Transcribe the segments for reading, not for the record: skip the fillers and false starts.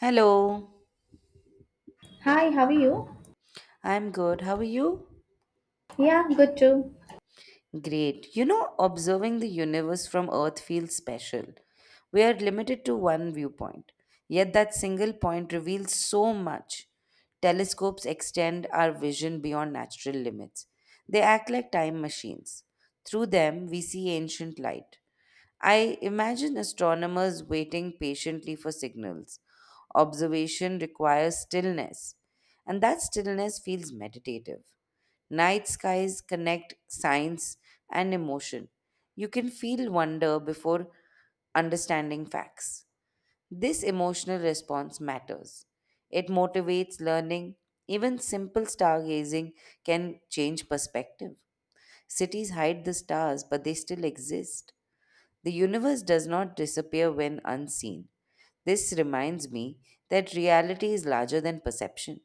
Hello, Hi, how are you? I'm good. How are you? Yeah, good too. Great. You know, observing the universe from Earth feels special. We are limited to one viewpoint, yet, that single point reveals so much. Telescopes extend our vision beyond natural limits, they act like time machines. Through them, we see ancient light. I imagine astronomers waiting patiently for signals. Observation requires stillness, and that stillness feels meditative. Night skies connect science and emotion. You can feel wonder before understanding facts. This emotional response matters. It motivates learning. Even simple stargazing can change perspective. Cities hide the stars, but they still exist. The universe does not disappear when unseen. This reminds me that reality is larger than perception.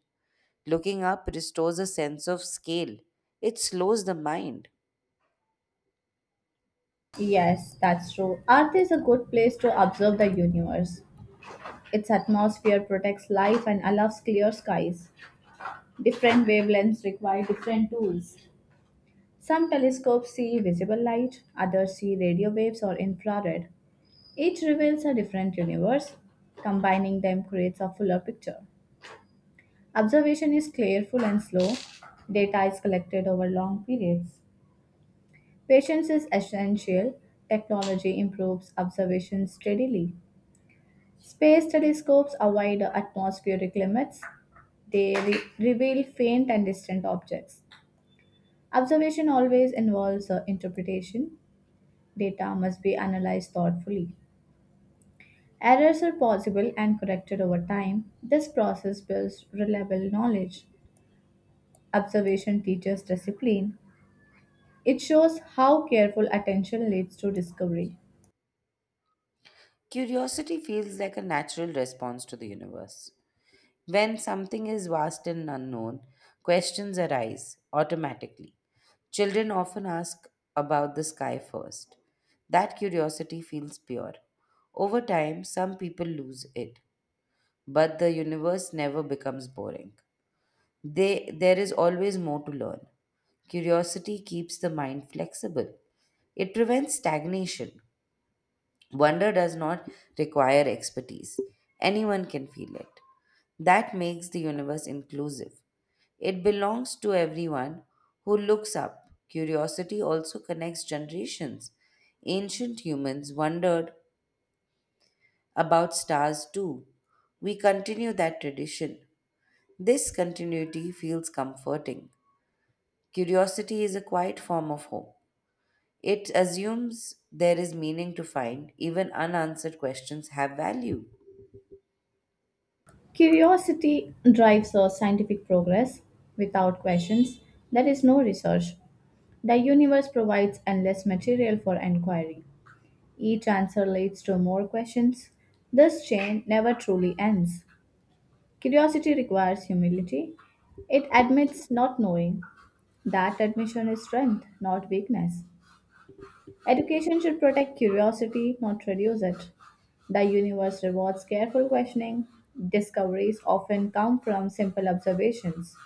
Looking up restores a sense of scale, it slows the mind. Yes, that's true. Earth is a good place to observe the universe. Its atmosphere protects life and allows clear skies. Different wavelengths require different tools. Some telescopes see visible light, others see radio waves or infrared. Each reveals a different universe. Combining them creates a fuller picture. Observation is careful and slow. Data is collected over long periods. Patience is essential. Technology improves observation steadily. Space telescopes avoid atmospheric limits. They re- reveal faint and distant objects. Observation always involves interpretation. Data must be analyzed thoughtfully. Errors are possible and corrected over time. This process builds reliable knowledge. Observation teaches discipline. It shows how careful attention leads to discovery. Curiosity feels like a natural response to the universe. When something is vast and unknown, questions arise automatically. Children often ask about the sky first. That curiosity feels pure. Over time, some people lose it, but the universe never becomes boring. There is always more to learn. Curiosity keeps the mind flexible. It prevents stagnation. Wonder does not require expertise. Anyone can feel it. That makes the universe inclusive. It belongs to everyone who looks up. Curiosity also connects generations. Ancient humans wondered about stars too. We continue that tradition. This continuity feels comforting. Curiosity is a quiet form of hope. It assumes there is meaning to find, even unanswered questions have value. Curiosity drives our scientific progress. Without questions, there is no research. The universe provides endless material for inquiry. Each answer leads to more questions. This chain never truly ends. Curiosity requires humility. It admits not knowing. That admission is strength, not weakness. Education should protect curiosity, not reduce it. The universe rewards careful questioning. Discoveries often come from simple observations.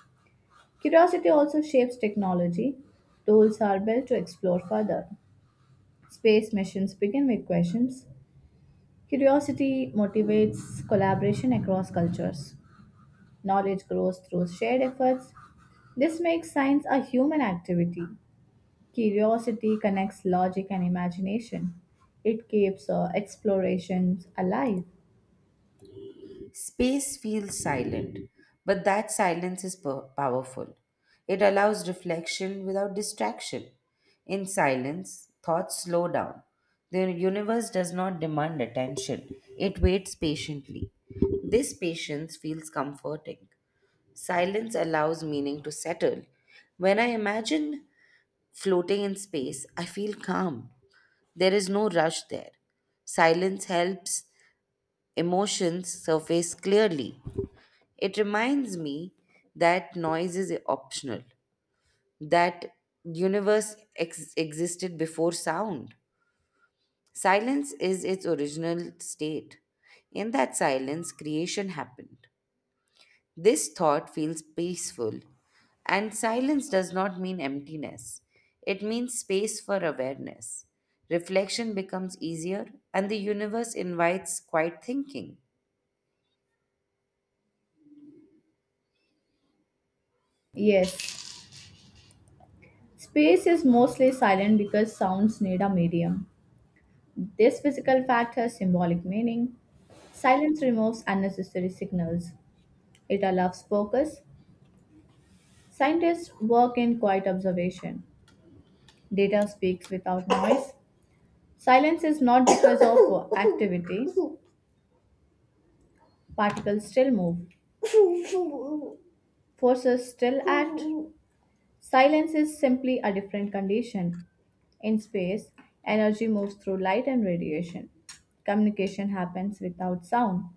Curiosity also shapes technology. Tools are built to explore further. Space missions begin with questions. Curiosity motivates collaboration across cultures. Knowledge grows through shared efforts. This makes science a human activity. Curiosity connects logic and imagination. It keeps explorations alive. Space feels silent, but that silence is powerful. It allows reflection without distraction. In silence, thoughts slow down. The universe does not demand attention, it waits patiently. This patience feels comforting. Silence allows meaning to settle. When I imagine floating in space, I feel calm. There is no rush there. Silence helps emotions surface clearly. It reminds me that noise is optional, that universe ex- existed before sound. Silence is its original state. In that silence, creation happened. This thought feels peaceful, and silence does not mean emptiness. It means space for awareness. Reflection becomes easier, and the universe invites quiet thinking. Yes, space is mostly silent because sounds need a medium. This physical fact has symbolic meaning. Silence removes unnecessary signals. It allows focus. Scientists work in quiet observation. Data speaks without noise. Silence is not because of activity. Particles still move. Forces still act. Silence is simply a different condition. In space, energy moves through light and radiation. Communication happens without sound.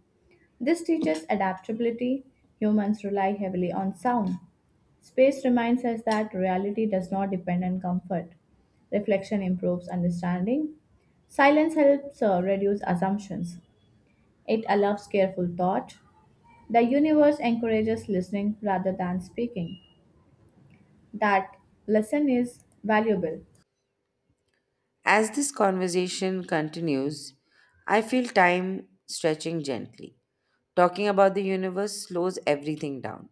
This teaches adaptability. Humans rely heavily on sound. Space reminds us that reality does not depend on comfort. Reflection improves understanding. Silence helps reduce assumptions. It allows careful thought. The universe encourages listening rather than speaking. That lesson is valuable. As this conversation continues, I feel time stretching gently. Talking about the universe slows everything down.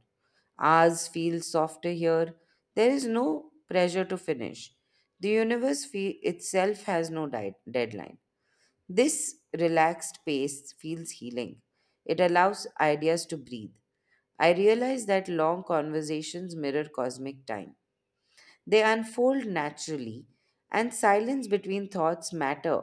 Hours feel softer here. There is no pressure to finish. The universe itself has no deadline. This relaxed pace feels healing. It allows ideas to breathe. I realize that long conversations mirror cosmic time. They unfold naturally, and silence between thoughts matter.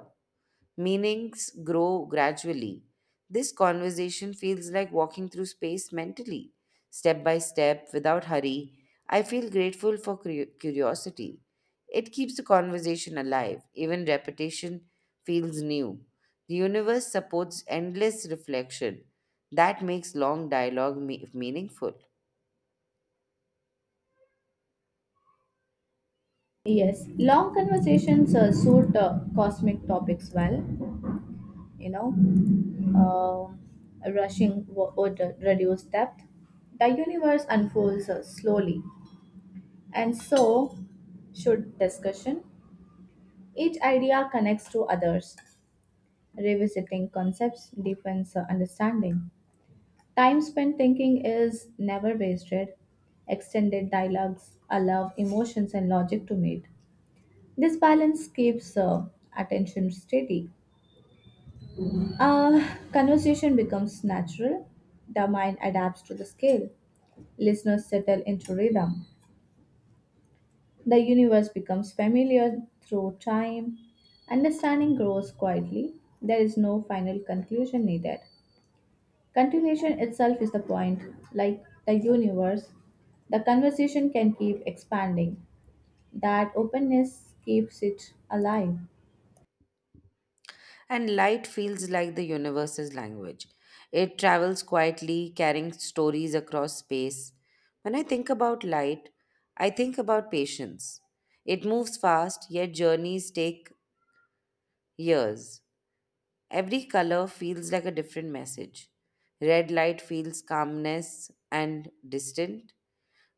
Meanings grow gradually. This conversation feels like walking through space mentally, step by step, without hurry. I feel grateful for curiosity. It keeps the conversation alive, even repetition feels new. The universe supports endless reflection. That makes long dialogue meaningful. Yes, long conversations suit cosmic topics well, you know. Rushing would reduce depth. The universe unfolds slowly, and so should discussion. Each idea connects to others. Revisiting concepts deepens understanding. Time spent thinking is never wasted. Extended dialogues allow emotions and logic to meet. This balance keeps attention steady. Conversation becomes natural. The mind adapts to the scale. Listeners settle into rhythm. The universe becomes familiar through time. Understanding grows quietly. There is no final conclusion needed. Continuation itself is the point. Like the universe, the conversation can keep expanding. That openness keeps it alive. And light feels like the universe's language. It travels quietly, carrying stories across space. When I think about light, I think about patience. It moves fast, yet journeys take years. Every color feels like a different message. Red light feels calmness and distant.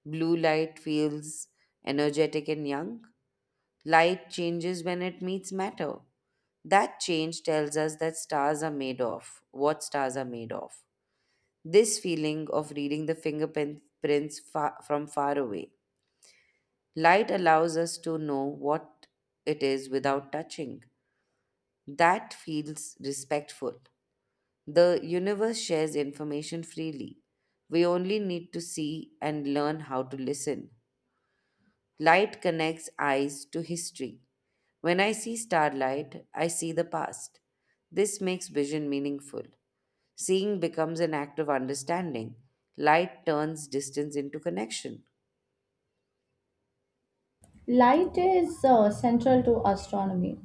Blue light feels energetic and young. Light changes when it meets matter. That change tells us that stars are made of, What stars are made of. This feeling of reading the fingerprints from far away. Light allows us to know what it is without touching. That feels respectful. The universe shares information freely. We only need to see and learn how to listen. Light connects eyes to history. When I see starlight, I see the past. This makes vision meaningful. Seeing becomes an act of understanding. Light turns distance into connection. Light is central to astronomy.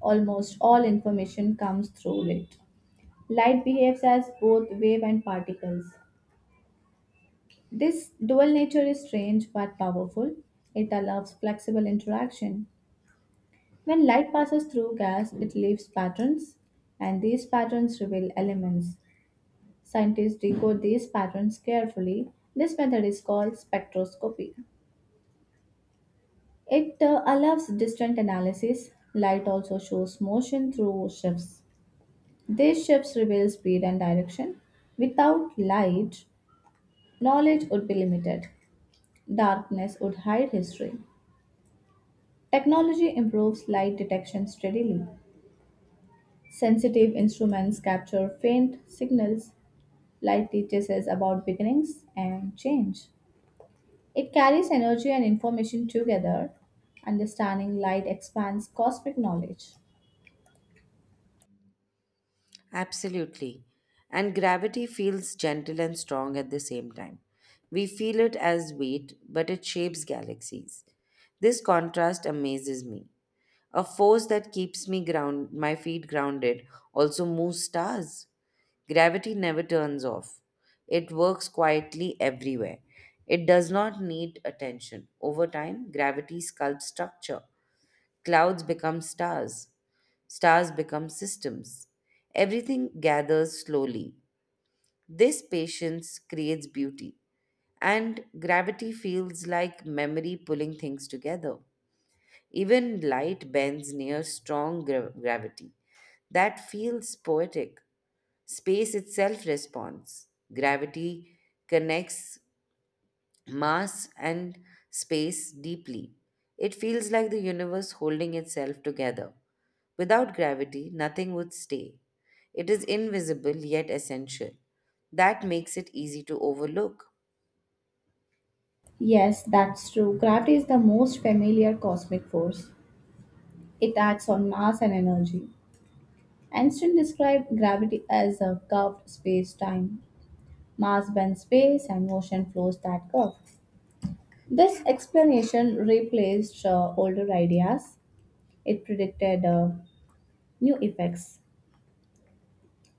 Almost all information comes through it. Light behaves as both wave and particles. This dual nature is strange but powerful. It allows flexible interaction. When light passes through gas, it leaves patterns, and these patterns reveal elements. Scientists decode these patterns carefully. This method is called spectroscopy. It allows distant analysis. Light also shows motion through shifts. These shifts reveal speed and direction. Without light, knowledge would be limited. Darkness would hide history. Technology improves light detection steadily. Sensitive instruments capture faint signals. Light teaches us about beginnings and change. It carries energy and information together. Understanding light expands cosmic knowledge. Absolutely. And gravity feels gentle and strong at the same time. We feel it as weight, but it shapes galaxies. This contrast amazes me. A force that keeps me ground my feet grounded also moves stars. Gravity never turns off. It works quietly everywhere. It does not need attention. Over time, gravity sculpts structure. Clouds become stars. Stars become systems. Everything gathers slowly. This patience creates beauty. And gravity feels like memory pulling things together. Even light bends near strong gravity. That feels poetic. Space itself responds. Gravity connects mass and space deeply. It feels like the universe holding itself together. Without gravity, nothing would stay. It is invisible yet essential. That makes it easy to overlook. Yes, that's true. Gravity is the most familiar cosmic force. It acts on mass and energy. Einstein described gravity as a curved space time. Mass bends space and motion flows that curve. This explanation replaced older ideas. It predicted new effects.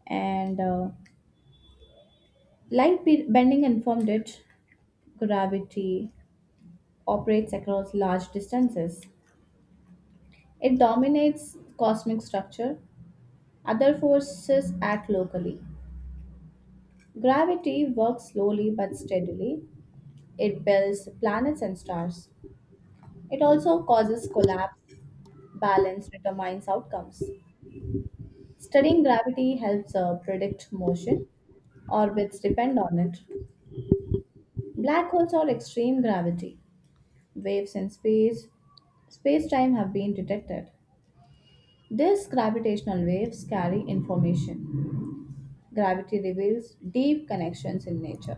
And bending informed it. Gravity operates across large distances. It dominates cosmic structure. Other forces act locally. Gravity works slowly but steadily. It builds planets and stars. It also causes collapse. Balance determines outcomes. Studying gravity helps predict motion. Orbits depend on it. Black holes are extreme gravity. Waves in space, Space time have been detected. These gravitational waves carry information. Gravity reveals deep connections in nature.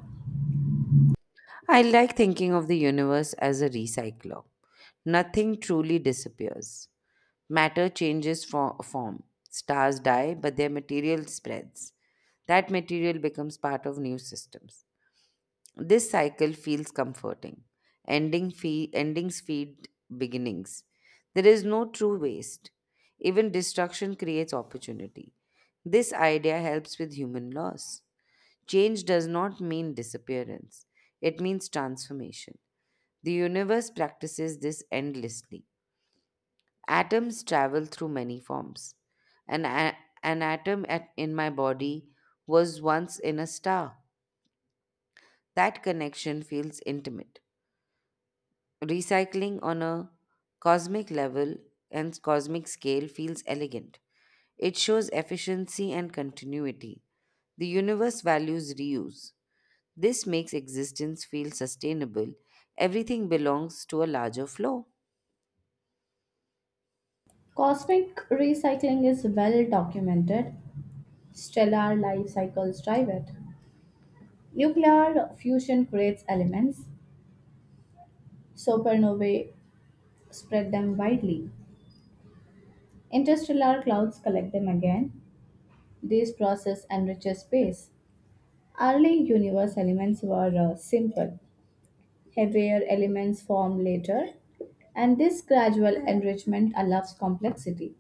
I like thinking of the universe as a recycler. Nothing truly disappears. Matter changes for form. Stars die, but their material spreads. That material becomes part of new systems. This cycle feels comforting. Endings feed beginnings. There is no true waste. Even destruction creates opportunity. This idea helps with human loss. Change does not mean disappearance, it means transformation. The universe practices this endlessly. Atoms travel through many forms. An, a- an atom in my body was once in a star. That connection feels intimate. Recycling on a cosmic level and cosmic scale feels elegant. It shows efficiency and continuity. The universe values reuse. This makes existence feel sustainable. Everything belongs to a larger flow. Cosmic recycling is well documented. Stellar life cycles drive it. Nuclear fusion creates elements. Supernovae spread them widely. Interstellar clouds collect them again. This process enriches space. Early universe elements were simple. Heavier elements form later, and this gradual enrichment allows complexity.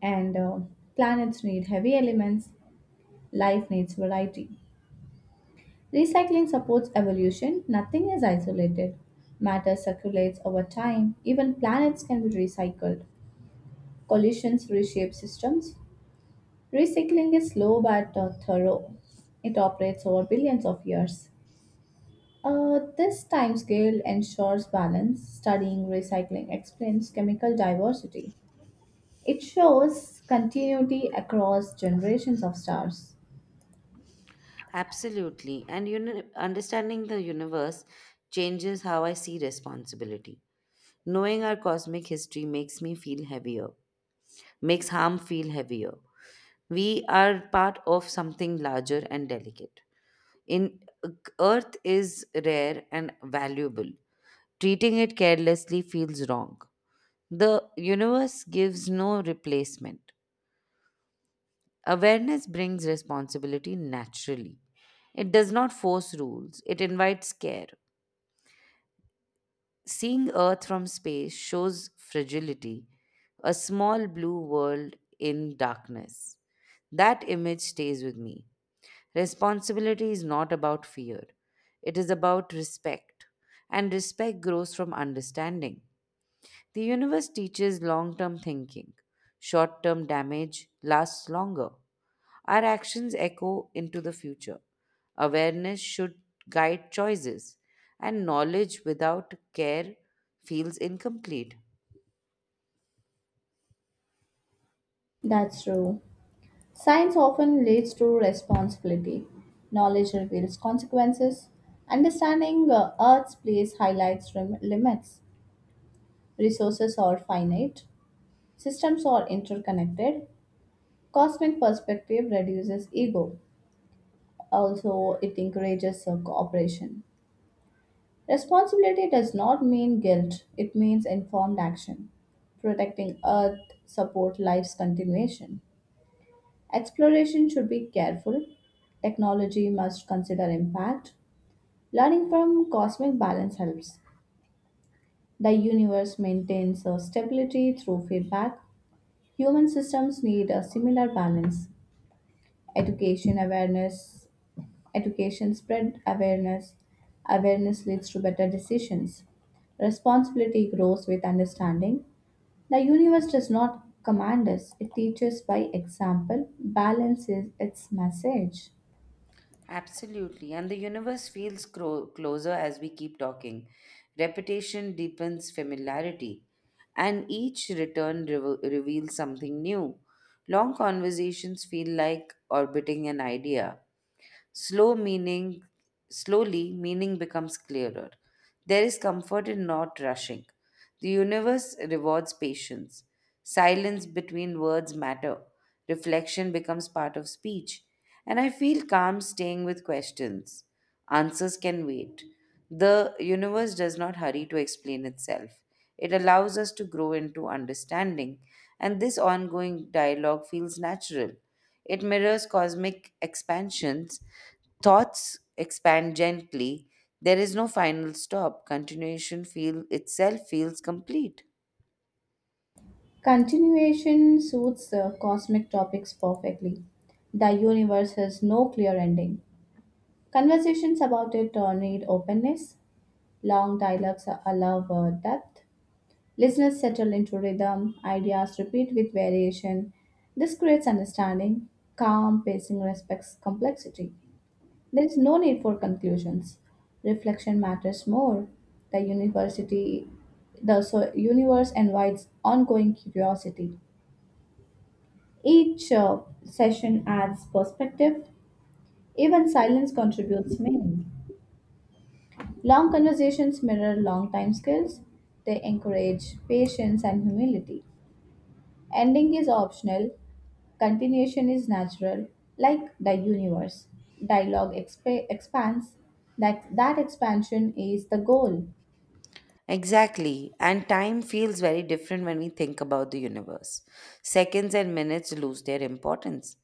And planets need heavy elements, life needs variety. Recycling supports evolution, nothing is isolated. Matter circulates over time, even planets can be recycled. Collisions reshape systems. Recycling is slow but thorough. It operates over billions of years. This timescale ensures balance. Studying recycling explains chemical diversity. It shows continuity across generations of stars. Absolutely. And understanding the universe changes how I see responsibility. Knowing our cosmic history makes me feel heavier, makes harm feel heavier. We are part of something larger and delicate. In Earth is rare and valuable. Treating it carelessly feels wrong. The universe gives no replacement. Awareness brings responsibility naturally. It does not force rules, it invites care. Seeing Earth from space shows fragility, a small blue world in darkness. That image stays with me. Responsibility is not about fear, it is about respect, and respect grows from understanding. The universe teaches long term thinking. Short term damage lasts longer. Our actions echo into the future. Awareness should guide choices, and knowledge without care feels incomplete. That's true. Science often leads to responsibility. Knowledge reveals consequences. Understanding Earth's place highlights limits. Resources are finite. Systems are interconnected. Cosmic perspective reduces ego. Also, it encourages cooperation. Responsibility does not mean guilt, it means informed action. Protecting Earth supports life's continuation. Exploration should be careful. Technology must consider impact. Learning from cosmic balance helps. The universe maintains a stability through feedback. Human systems need a similar balance. Education awareness, Education spread awareness. Awareness leads to better decisions. Responsibility grows with understanding. The universe does not command us, it teaches by example. Balance is its message. Absolutely. And the universe feels closer as we keep talking. Repetition deepens familiarity, and each return reveals something new. Long conversations feel like orbiting an idea, Slow meaning, slowly, meaning becomes clearer. There is comfort in not rushing. The universe rewards patience. Silence between words matter. Reflection becomes part of speech. And I feel calm staying with questions. Answers can wait. The universe does not hurry to explain itself. It allows us to grow into understanding, and this ongoing dialogue feels natural. It mirrors cosmic expansions. Thoughts expand gently. There is no final stop. Continuation feel itself feels complete. Continuation suits cosmic topics perfectly. The universe has no clear ending. Conversations about it need openness. Long dialogues allow depth. Listeners settle into rhythm. Ideas repeat with variation. This creates understanding. Calm pacing respects complexity. There is no need for conclusions. Reflection matters more. The university, the universe invites ongoing curiosity. Each session adds perspective. Even silence contributes meaning. Long conversations mirror long time skills. They encourage patience and humility. Ending is optional. Continuation is natural, like the universe. Expands. That expansion is the goal. Exactly. And time feels very different when we think about the universe. Seconds and minutes lose their importance.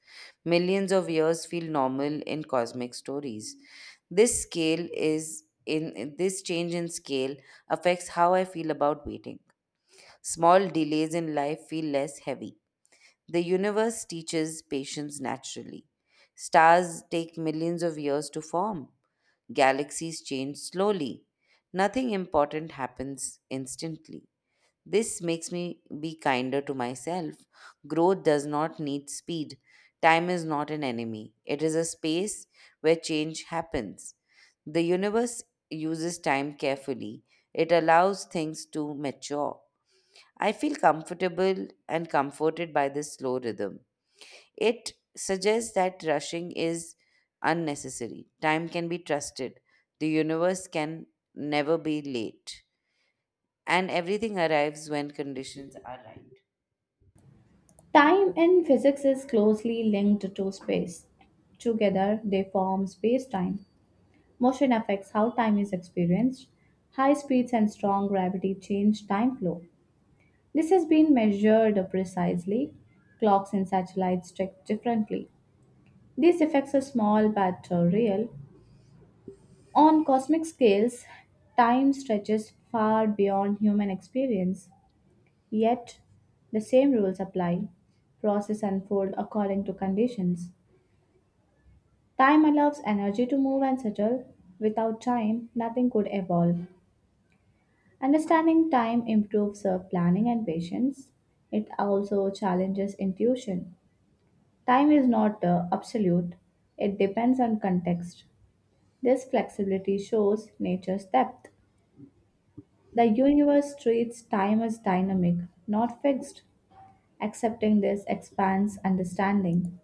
Millions of years feel normal in cosmic stories. This change in scale affects how I feel about waiting. Small delays in life feel less heavy. The universe teaches patience naturally. Stars take millions of years to form. Galaxies change slowly. Nothing important happens instantly. This makes me be kinder to myself. Growth does not need speed. Time is not an enemy, it is a space where change happens. The universe uses time carefully, it allows things to mature. I feel comfortable and comforted by this slow rhythm. It suggests that rushing is unnecessary. Time can be trusted. The universe can never be late. And everything arrives when conditions are right. Time in physics is closely linked to space. Together, they form space time. Motion affects how time is experienced. High speeds and strong gravity change time flow. This has been measured precisely. Clocks and satellites check differently. These effects are small but real. On cosmic scales, time stretches far beyond human experience. Yet, the same rules apply. Process unfold according to conditions. Time allows energy to move and settle. Without time, nothing could evolve. Understanding time improves planning and patience. It also challenges intuition. Time is not absolute, it depends on context. This flexibility shows nature's depth. The universe treats time as dynamic, not fixed. Accepting this expands understanding.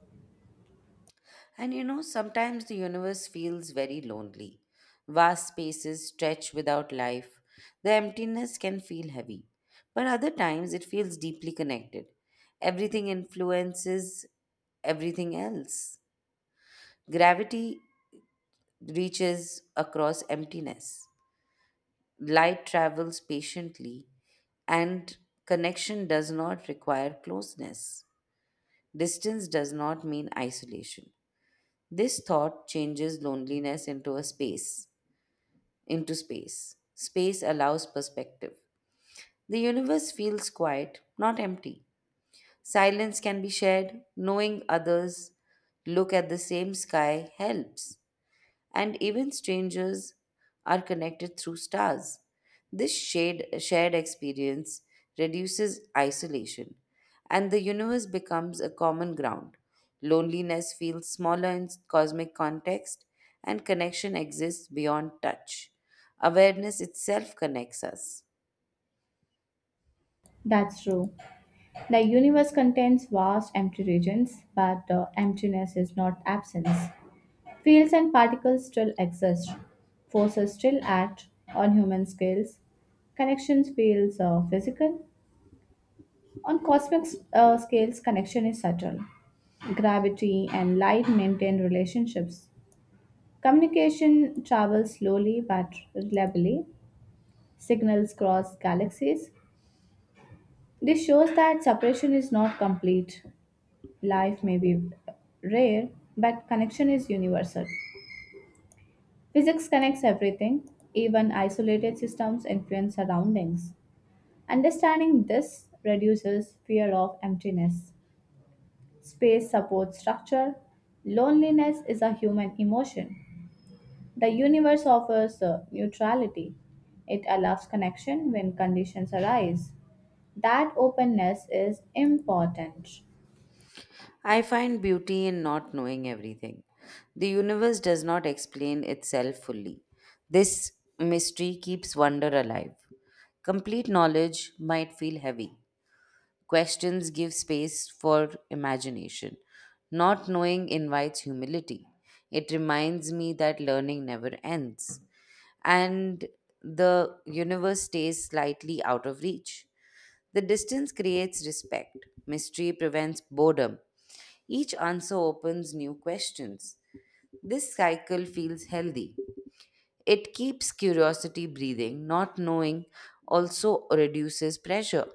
And you know, sometimes the universe feels very lonely. Vast spaces stretch without life. The emptiness can feel heavy. But other times it feels deeply connected. Everything influences everything else. Gravity reaches across emptiness. Light travels patiently, and connection does not require closeness. Distance does not mean isolation. This thought changes loneliness into space. Space allows perspective. The universe feels quiet, not empty. Silence can be shared. Knowing others look at the same sky helps. And even strangers are connected through stars. This shared experience reduces isolation, and the universe becomes a common ground. Loneliness feels smaller in cosmic context, and connection exists beyond touch. Awareness itself connects us. That's true. The universe contains vast empty regions, but emptiness is not absence. Fields and particles still exist. Forces still act on human scales. Connections feels physical. On cosmic scales, connection is subtle. Gravity and light maintain relationships. Communication travels slowly but reliably. Signals cross galaxies. This shows that separation is not complete. Life may be rare, but connection is universal. Physics connects everything, even isolated systems influence surroundings. Understanding this reduces fear of emptiness. Space supports structure. Loneliness is a human emotion. The universe offers neutrality. It allows connection when conditions arise. That openness is important. I find beauty in not knowing everything. The universe does not explain itself fully. This mystery keeps wonder alive. Complete knowledge might feel heavy. Questions give space for imagination. Not knowing invites humility. It reminds me that learning never ends, and the universe stays slightly out of reach. The distance creates respect. Mystery prevents boredom. Each answer opens new questions. This cycle feels healthy. It keeps curiosity breathing, not knowing also reduces pressure.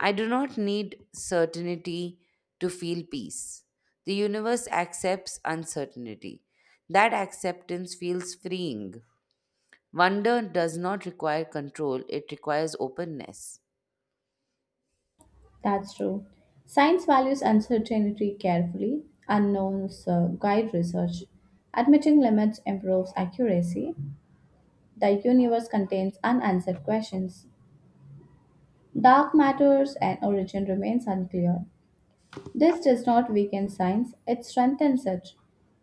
I do not need certainty to feel peace. The universe accepts uncertainty. That acceptance feels freeing. Wonder does not require control, it requires openness. That's true. Science values uncertainty carefully. Unknowns guide research. Admitting limits improves accuracy. The universe contains unanswered questions. Dark matters and origin remains unclear. This does not weaken science, it strengthens it.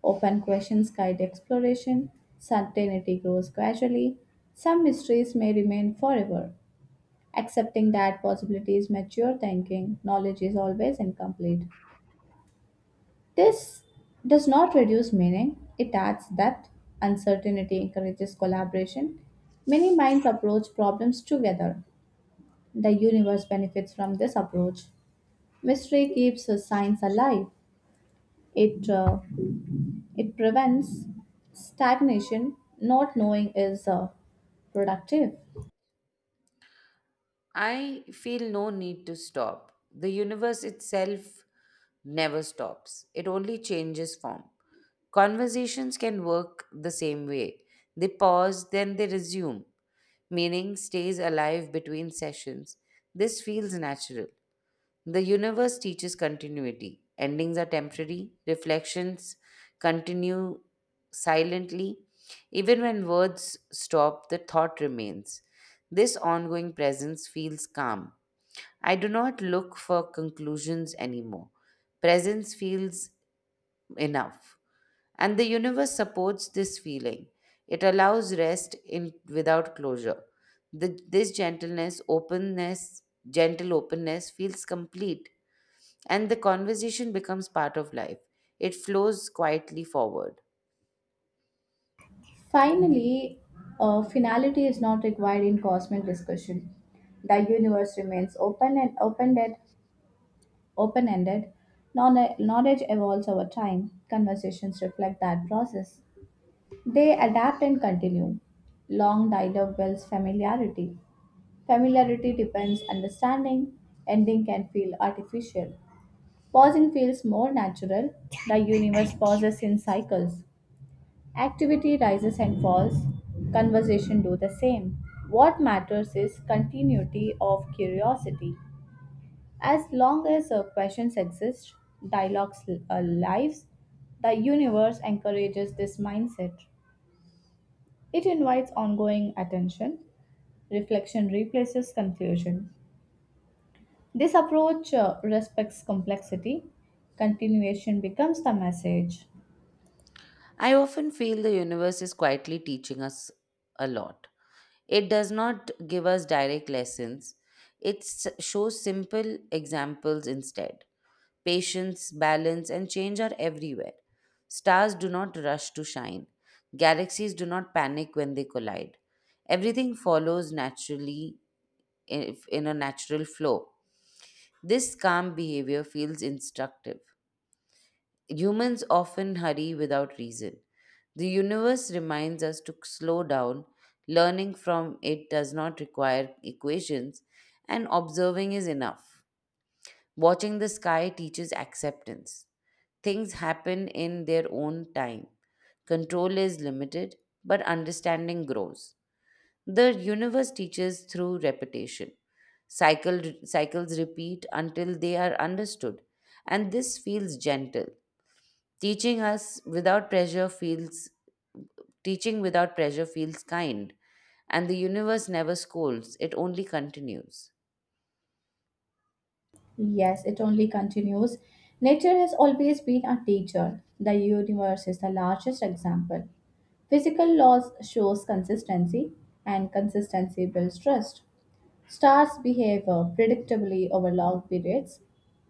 Open questions guide exploration. Certainty grows gradually. Some mysteries may remain forever. Accepting that possibilities mature thinking, knowledge is always incomplete. This does not reduce meaning, it adds depth. Uncertainty encourages collaboration. Many minds approach problems together. The universe benefits from this approach. Mystery keeps science alive. It, uh, it prevents stagnation. Not knowing is productive. I feel no need to stop. The universe itself never stops, it only changes form. Conversations can work the same way. They pause, then they resume. Meaning stays alive between sessions. This feels natural. The universe teaches continuity. Endings are temporary, reflections continue silently. Even when words stop, the thought remains. This ongoing presence feels calm. I do not look for conclusions anymore. Presence feels enough. And the universe supports this feeling. It allows rest in, without closure. This gentle openness feels complete and the conversation becomes part of life. It flows quietly forward. Finally, finality is not required in cosmic discussion. The universe remains open ended. Knowledge evolves over time. Conversations reflect that process. They adapt and continue. Long dialogue builds familiarity. Familiarity depends understanding. Ending can feel artificial. Pausing feels more natural. The universe pauses in cycles. Activity rises and falls. Conversation do the same. What matters is continuity of curiosity. As long as questions exist, dialogues lives, the universe encourages this mindset. It invites ongoing attention. Reflection replaces confusion. This approach respects complexity. Continuation becomes the message. I often feel the universe is quietly teaching us a lot. It does not give us direct lessons, it shows simple examples instead. Patience, balance, and change are everywhere. Stars do not rush to shine, galaxies do not panic when they collide. Everything follows naturally in a natural flow. This calm behavior feels instructive. Humans often hurry without reason. The universe reminds us to slow down. Learning from it does not require equations, and observing is enough. Watching the sky teaches acceptance. Things happen in their own time. Control is limited, but understanding grows. The universe teaches through repetition. Cycles repeat until they are understood, and this feels gentle. Teaching us without pressure feels Teaching without pressure feels kind, and the universe never scolds, it only continues. Yes, it only continues. Nature has always been a teacher. The universe is the largest example. Physical laws shows consistency and consistency builds trust. Stars behave predictably over long periods.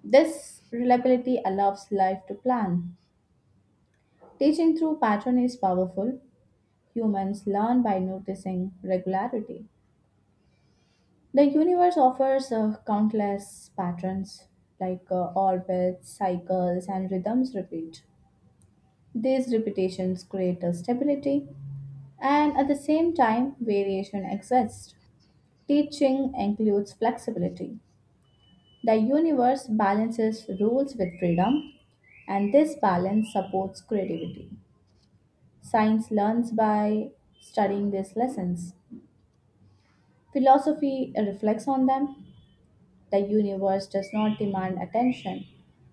This reliability allows life to plan. Teaching through pattern is powerful. Humans learn by noticing regularity. The universe offers countless patterns like orbits, cycles, and rhythms repeat. These repetitions create a stability, and at the same time, variation exists. Teaching includes flexibility. The universe balances rules with freedom, and this balance supports creativity. Science learns by studying these lessons. Philosophy reflects on them. The universe does not demand attention,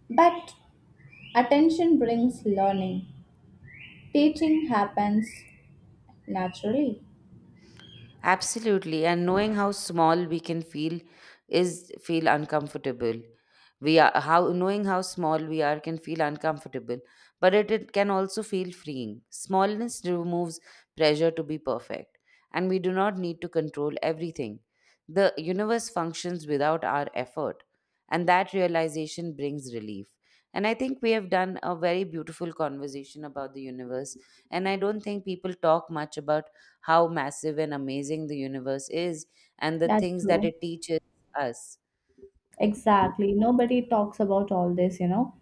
but attention brings learning. Teaching happens naturally. Absolutely, and knowing how small we can feel is feel uncomfortable. We are how knowing how small we are can feel uncomfortable, but it can also feel freeing. Smallness removes pressure to be perfect, and we do not need to control everything. The universe functions without our effort, and that realization brings relief. And I think we have done a very beautiful conversation about the universe. And I don't think people talk much about how massive and amazing the universe is and the That's things that true. it teaches us. Exactly. Nobody talks about all this, you know.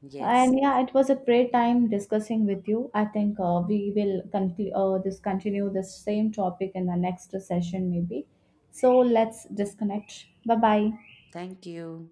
Yes. And yeah, it was a great time discussing with you. I think we will conclu- this continue this same topic in the next session maybe. So let's disconnect. Bye bye. Thank you.